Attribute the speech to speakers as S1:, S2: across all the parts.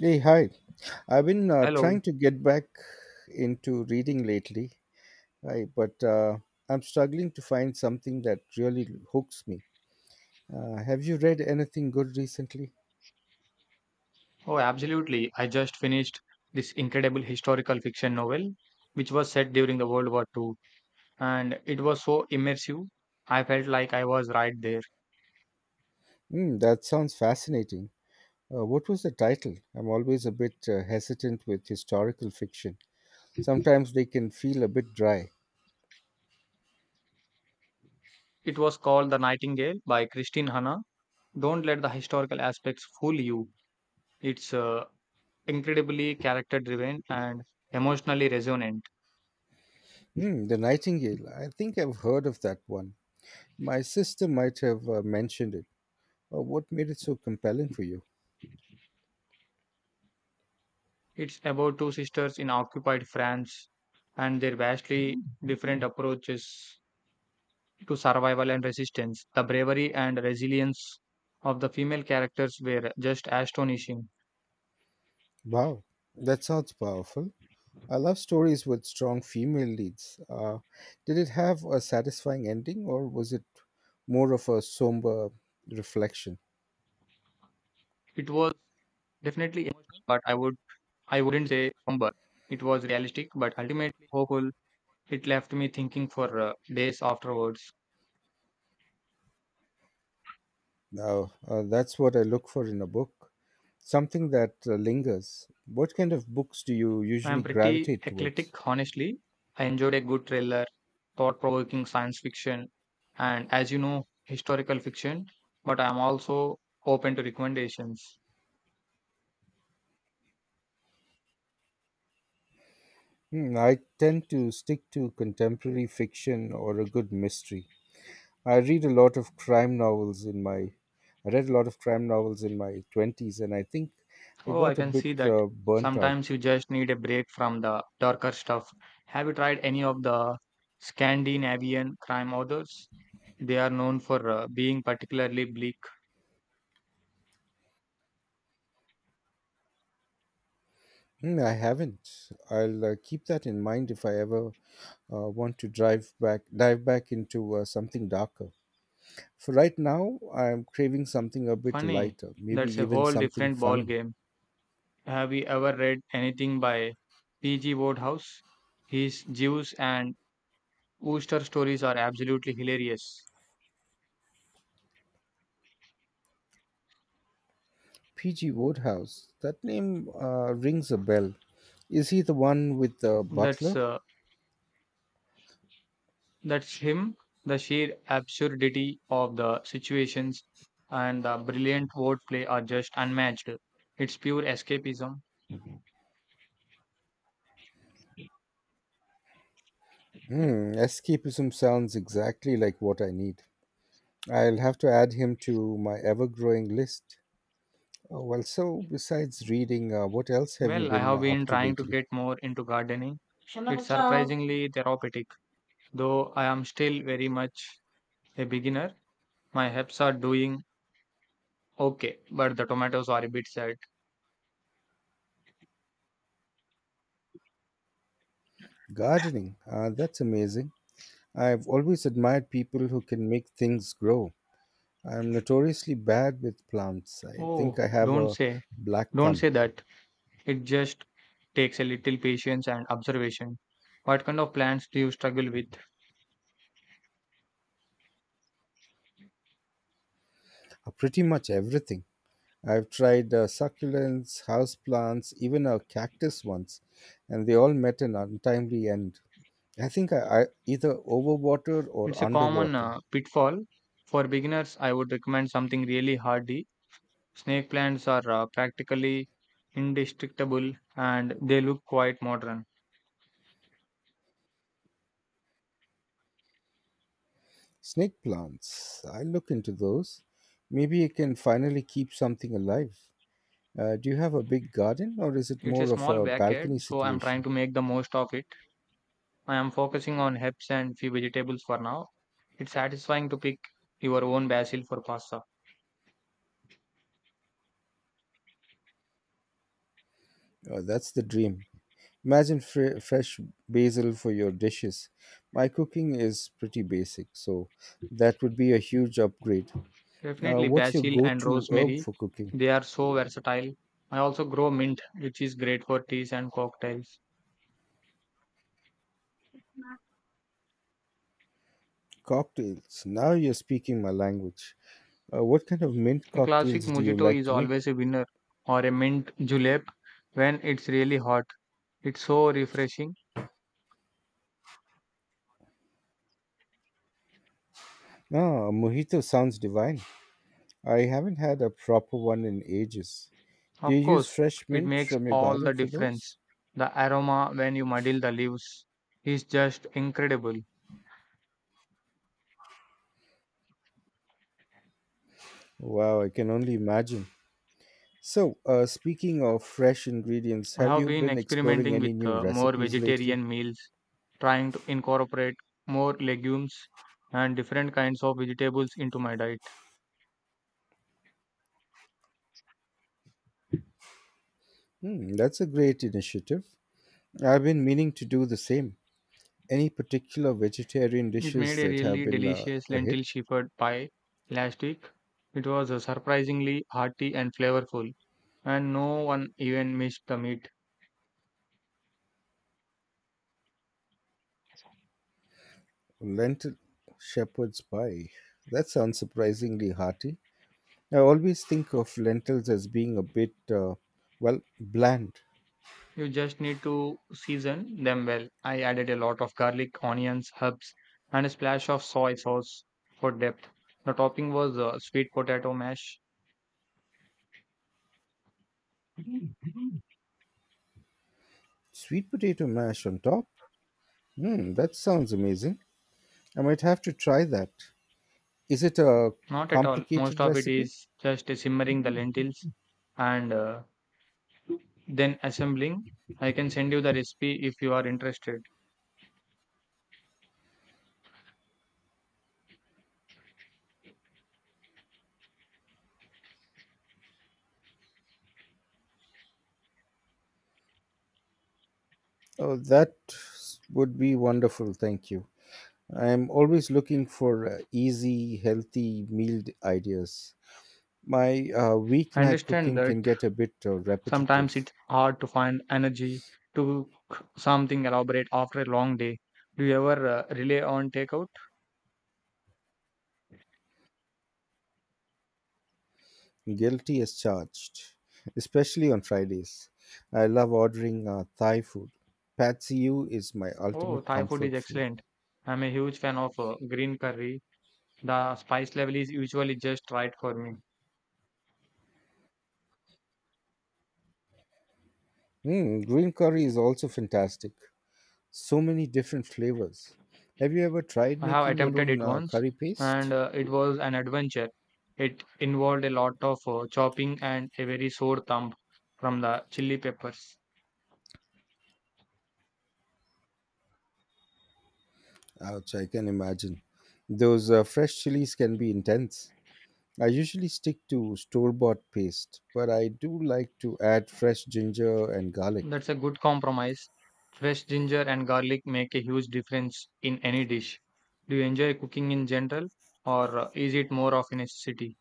S1: Hey, hi. I've been
S2: Hello.
S1: trying to get back into reading lately, but I'm struggling to find something that really hooks me. Have you read anything good recently?
S2: Oh, absolutely. I just finished this incredible historical fiction novel, which was set during the World War Two, and it was so immersive. I felt like I was right there.
S1: Hmm, that sounds fascinating. What was the title? I'm always a bit hesitant with historical fiction. Sometimes they can feel a bit dry.
S2: It was called The Nightingale by Christine Hanna. Don't let the historical aspects fool you. It's incredibly character driven and emotionally resonant.
S1: Hmm, the Nightingale. I think I've heard of that one. My sister might have mentioned it. What made it so compelling for you?
S2: It's about two sisters in occupied France and their vastly different approaches to survival and resistance. The bravery and resilience of the female characters were just astonishing.
S1: Wow, that sounds powerful. I love stories with strong female leads. Did it have a satisfying ending, or was it more of a somber reflection?
S2: It was definitely emotional, but I wouldn't say somber. It was realistic, but ultimately hopeful. It left me thinking for days afterwards.
S1: Now, that's what I look for in a book, something that lingers. What kind of books do you
S2: I
S1: usually
S2: am pretty
S1: gravitate towards?
S2: eclectic, honestly. I enjoyed a good thriller, thought-provoking science fiction, and as you know, historical fiction. But I am also open to recommendations.
S1: Hmm, I tend to stick to contemporary fiction or a good mystery. I read a lot of crime novels in my I read a lot of crime novels in my 20s, and I think I
S2: Oh, I
S1: got a
S2: can
S1: bit
S2: see that.
S1: burnt out.
S2: Sometimes you just need a break from the darker stuff. Have you tried any of the Scandinavian crime authors? They are known for being particularly bleak.
S1: Mm, I haven't. I'll keep that in mind if I ever want to drive back, dive back into something darker. For right now, I'm craving something a bit
S2: Funny,
S1: lighter, maybe
S2: that's a
S1: even
S2: whole
S1: something
S2: different ball
S1: funny.
S2: game. Have you ever read anything by P.G. Wodehouse? His Jews and Ooster stories are absolutely hilarious.
S1: P.G. Wodehouse. That name rings a bell. Is he the one with the
S2: That's
S1: butler?
S2: uh, That's him, the sheer absurdity of the situations and the brilliant wordplay are just unmatched. It's pure escapism.
S1: Hmm, escapism sounds exactly like what I need. I'll have to add him to my ever-growing list. Oh, well, so besides reading, what else have you
S2: Well, I
S1: been
S2: have
S1: up
S2: been
S1: to
S2: trying to
S1: lately?
S2: get more into gardening. It's surprisingly therapeutic, though I am still very much a beginner. My herbs are doing okay, but the tomatoes are a bit sad.
S1: Gardening, that's amazing. I've always admired people who can make things grow. I'm notoriously bad with plants. I think
S2: Oh,
S1: I have
S2: don't
S1: a
S2: say,
S1: black
S2: don't
S1: thumb.
S2: say that. It just takes a little patience and observation. What kind of plants do you struggle with?
S1: Pretty much everything. I've tried succulents, houseplants, even a cactus once, and they all met an untimely end. I think I, I either overwater or
S2: It's a common
S1: underwater.
S2: pitfall. For beginners, I would recommend something really hardy. Snake plants are practically indestructible and they look quite modern.
S1: Snake plants, I'll look into those. Maybe I can finally keep something alive. Do you have a big garden, or is it
S2: It's a
S1: more of
S2: small
S1: a
S2: backyard,
S1: balcony
S2: so I'm trying
S1: situation?
S2: to make the most of it. I am focusing on herbs and few vegetables for now. It's satisfying to pick your own basil for pasta.
S1: Oh, that's the dream. Imagine fresh basil for your dishes. My cooking is pretty basic, so that would be a huge upgrade.
S2: Definitely
S1: What's your
S2: basil
S1: go
S2: and
S1: to herb
S2: rosemary.
S1: for cooking?
S2: They are so versatile. I also grow mint, which is great for teas and cocktails.
S1: Cocktails. Now you're speaking my language. What kind of mint
S2: A classic
S1: cocktails do you
S2: mojito
S1: like
S2: is
S1: to make?
S2: always a winner, or a mint julep when it's really hot. It's so refreshing.
S1: Ah, a mojito sounds divine. I haven't had a proper one in ages. Do you
S2: Of
S1: use
S2: course,
S1: fresh
S2: it
S1: mint
S2: makes
S1: from your
S2: all
S1: garden
S2: the
S1: for
S2: difference.
S1: those?
S2: The aroma when you muddle the leaves is just incredible.
S1: Wow, I can only imagine. So, speaking of fresh ingredients,
S2: I
S1: have
S2: have
S1: you
S2: been
S1: been exploring
S2: experimenting
S1: any
S2: with
S1: new
S2: more
S1: recipes lately?
S2: vegetarian meals, trying to incorporate more legumes and different kinds of vegetables into my diet.
S1: Hmm, that's a great initiative. I've been meaning to do the same. Any particular vegetarian
S2: It made
S1: dishes
S2: a
S1: that have
S2: really
S1: been
S2: delicious
S1: a
S2: lentil
S1: hit?
S2: shepherd pie last week. It was surprisingly hearty and flavorful, and no one even missed the meat.
S1: Lentil shepherd's pie. That sounds surprisingly hearty. I always think of lentils as being a bit, well, bland.
S2: You just need to season them well. I added a lot of garlic, onions, herbs, and a splash of soy sauce for depth. The topping was sweet potato mash.
S1: Sweet potato mash on top? Hmm, that sounds amazing. I might have to try that. Is it a
S2: Not at all. Most
S1: complicated
S2: of it
S1: recipe?
S2: is just simmering the lentils and then assembling. I can send you the recipe if you are interested.
S1: Oh, that would be wonderful. Thank you. I'm always looking for easy, healthy ideas. My
S2: I
S1: weeknight
S2: understand
S1: cooking
S2: that
S1: can get a bit
S2: sometimes
S1: repetitive.
S2: it's hard to find energy to cook something elaborate after a long day. Do you ever rely on takeout?
S1: Guilty as charged, especially on Fridays. I love ordering Thai food. Pad see ew is my
S2: Oh,
S1: ultimate
S2: Thai food is
S1: comfort food.
S2: excellent. I'm a huge fan of green curry. The spice level is usually just right for me.
S1: Mm, green curry is also fantastic, so many different flavors. Have you ever tried
S2: I have
S1: making your
S2: attempted
S1: own
S2: it once
S1: curry
S2: and
S1: paste?
S2: it was an adventure. It involved a lot of chopping and a very sore thumb from the chili peppers.
S1: Ouch, I can imagine. Those fresh chilies can be intense. I usually stick to store bought paste, but I do like to add fresh ginger and garlic.
S2: That's a good compromise. Fresh ginger and garlic make a huge difference in any dish. Do you enjoy cooking in general or is it more of a necessity?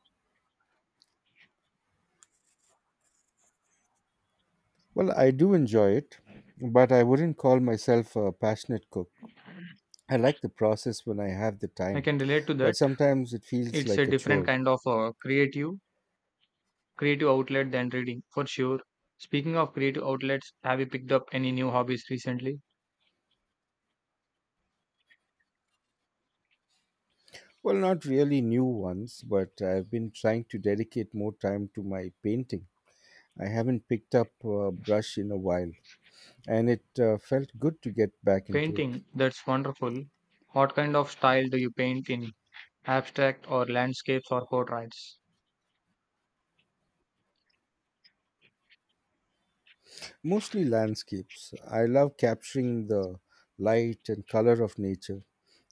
S1: Well, I do enjoy it, but I wouldn't call myself a passionate cook. I like the process when I have the
S2: I
S1: time,
S2: can relate to
S1: but
S2: that.
S1: sometimes it feels
S2: It's a
S1: like a
S2: different
S1: chore.
S2: kind of Creative outlet than reading, for sure. Speaking of creative outlets, have you picked up any new hobbies recently?
S1: Well, not really new ones, but I've been trying to dedicate more time to my painting. I haven't picked up a brush in a while, and it felt good to get back into it.
S2: Painting, that's wonderful. What kind of style do you paint in? Abstract or landscapes or portraits?
S1: Mostly landscapes. I love capturing the light and color of nature.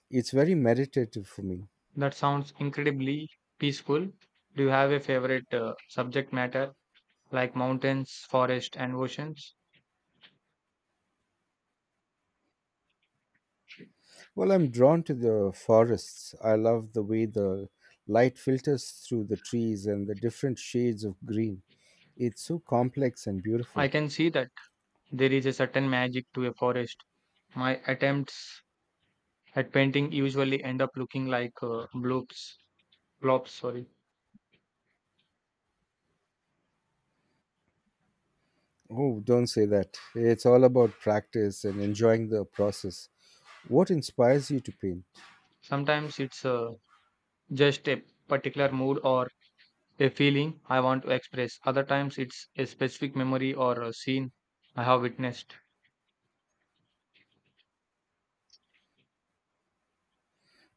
S1: It's very meditative for me.
S2: That sounds incredibly peaceful. Do you have a favorite subject matter like mountains, forests, and oceans?
S1: Well, I'm drawn to the forests. I love the way the light filters through the trees and the different shades of green. It's so complex and beautiful.
S2: I can see that there is a certain magic to a forest. My attempts at painting usually end up looking like blobs. Blobs, sorry.
S1: Oh, don't say that. It's all about practice and enjoying the process. What inspires you to paint?
S2: Sometimes it's just a particular mood or a feeling I want to express. Other times it's a specific memory or a scene I have witnessed.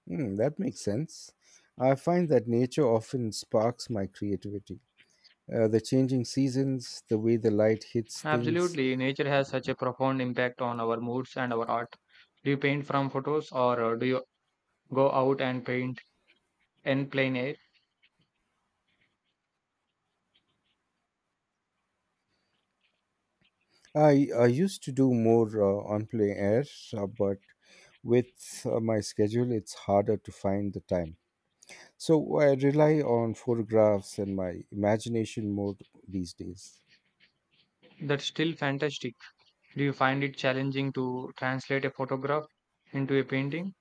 S1: Hmm, that makes sense. I find that nature often sparks my creativity. The changing seasons, the way the light hits things.
S2: Absolutely, nature has such a profound impact on our moods and our art. Do you paint from photos or do you go out and paint in plain air?
S1: I used to do more on plein air, but with my schedule, it's harder to find the time. So I rely on photographs and my imagination more these days.
S2: That's still fantastic. Do you find it challenging to translate a photograph into a painting?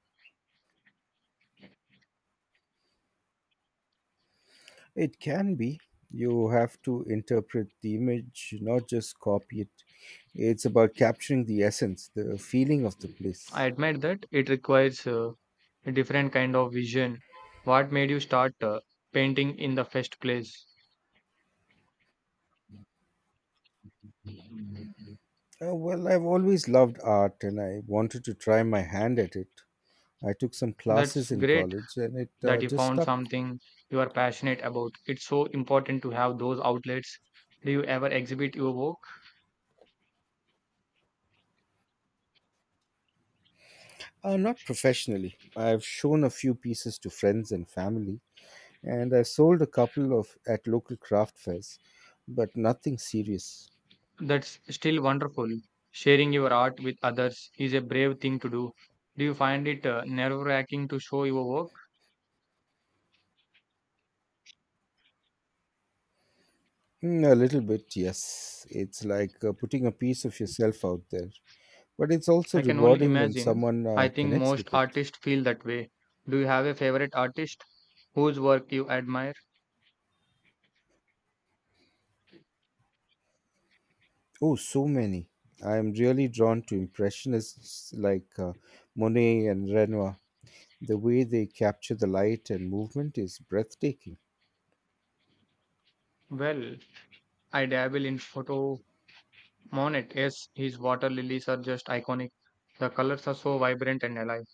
S1: It can be. You have to interpret the image, not just copy it. It's about capturing the essence, the feeling of the
S2: I
S1: place.
S2: admit that it requires a different kind of vision. What made you start painting in the first place?
S1: Well, I've always loved art and I wanted to try my hand at it. I took some
S2: That's
S1: classes in
S2: great
S1: college and it
S2: that you
S1: just
S2: found
S1: stuck.
S2: something you are passionate about. It's so important to have those outlets. Do you ever exhibit your work?
S1: Not professionally. I've shown a few pieces to friends and family, and I sold a couple of at local craft fairs, but nothing serious.
S2: That's still wonderful. Sharing your art with others is a brave thing to do. Do you find it nerve wracking to show your work?
S1: Mm, a little bit, yes. It's like putting a piece of yourself out there, but it's also
S2: I can only
S1: rewarding when
S2: imagine.
S1: someone
S2: I think
S1: connects
S2: most
S1: with it.
S2: artists feel that way. Do you have a favorite artist whose work you admire?
S1: Oh, so many. I'm really drawn to impressionists like Monet and Renoir. The way they capture the light and movement is breathtaking.
S2: Well, I dabble in photo Monet. Yes, his water lilies are just iconic. The colors are so vibrant and alive.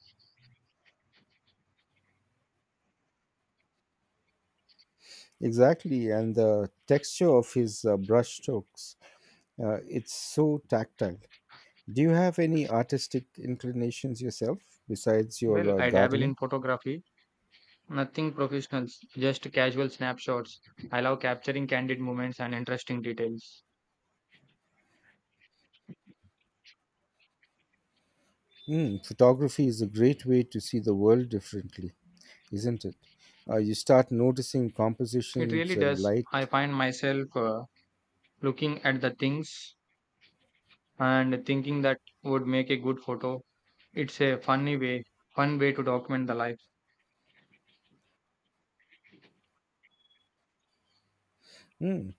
S1: Exactly, and the texture of his brush strokes, it's so tactile. Do you have any artistic inclinations yourself besides
S2: Well,
S1: your
S2: I dabble in
S1: gardening?
S2: photography, nothing professional, just casual snapshots. I love capturing candid moments and interesting details.
S1: Mm, photography is a great way to see the world differently, isn't it? You start noticing
S2: It
S1: compositions
S2: really
S1: and
S2: does. I
S1: light.
S2: find myself looking at the things and thinking that would make a good photo. It's a funny way, Fun way to document the life.
S1: Mm.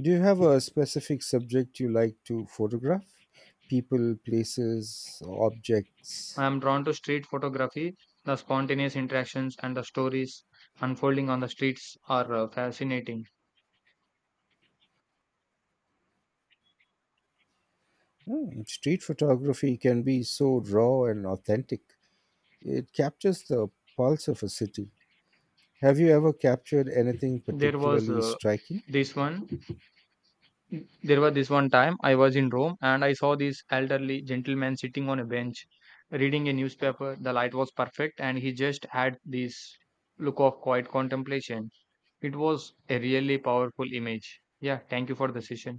S1: Do you have a specific subject you like to photograph? People, places, objects.
S2: I am drawn to street photography. The spontaneous interactions and the stories unfolding on the streets are fascinating.
S1: Mm. Street photography can be so raw and authentic. It captures the pulse of a city. Have you ever captured anything
S2: There was
S1: particularly
S2: uh,
S1: striking?
S2: this one There was this one time I was in Rome and I saw this elderly gentleman sitting on a bench reading a newspaper. The light was perfect and he just had this look of quiet contemplation. It was a really powerful image. Yeah, thank you for the session.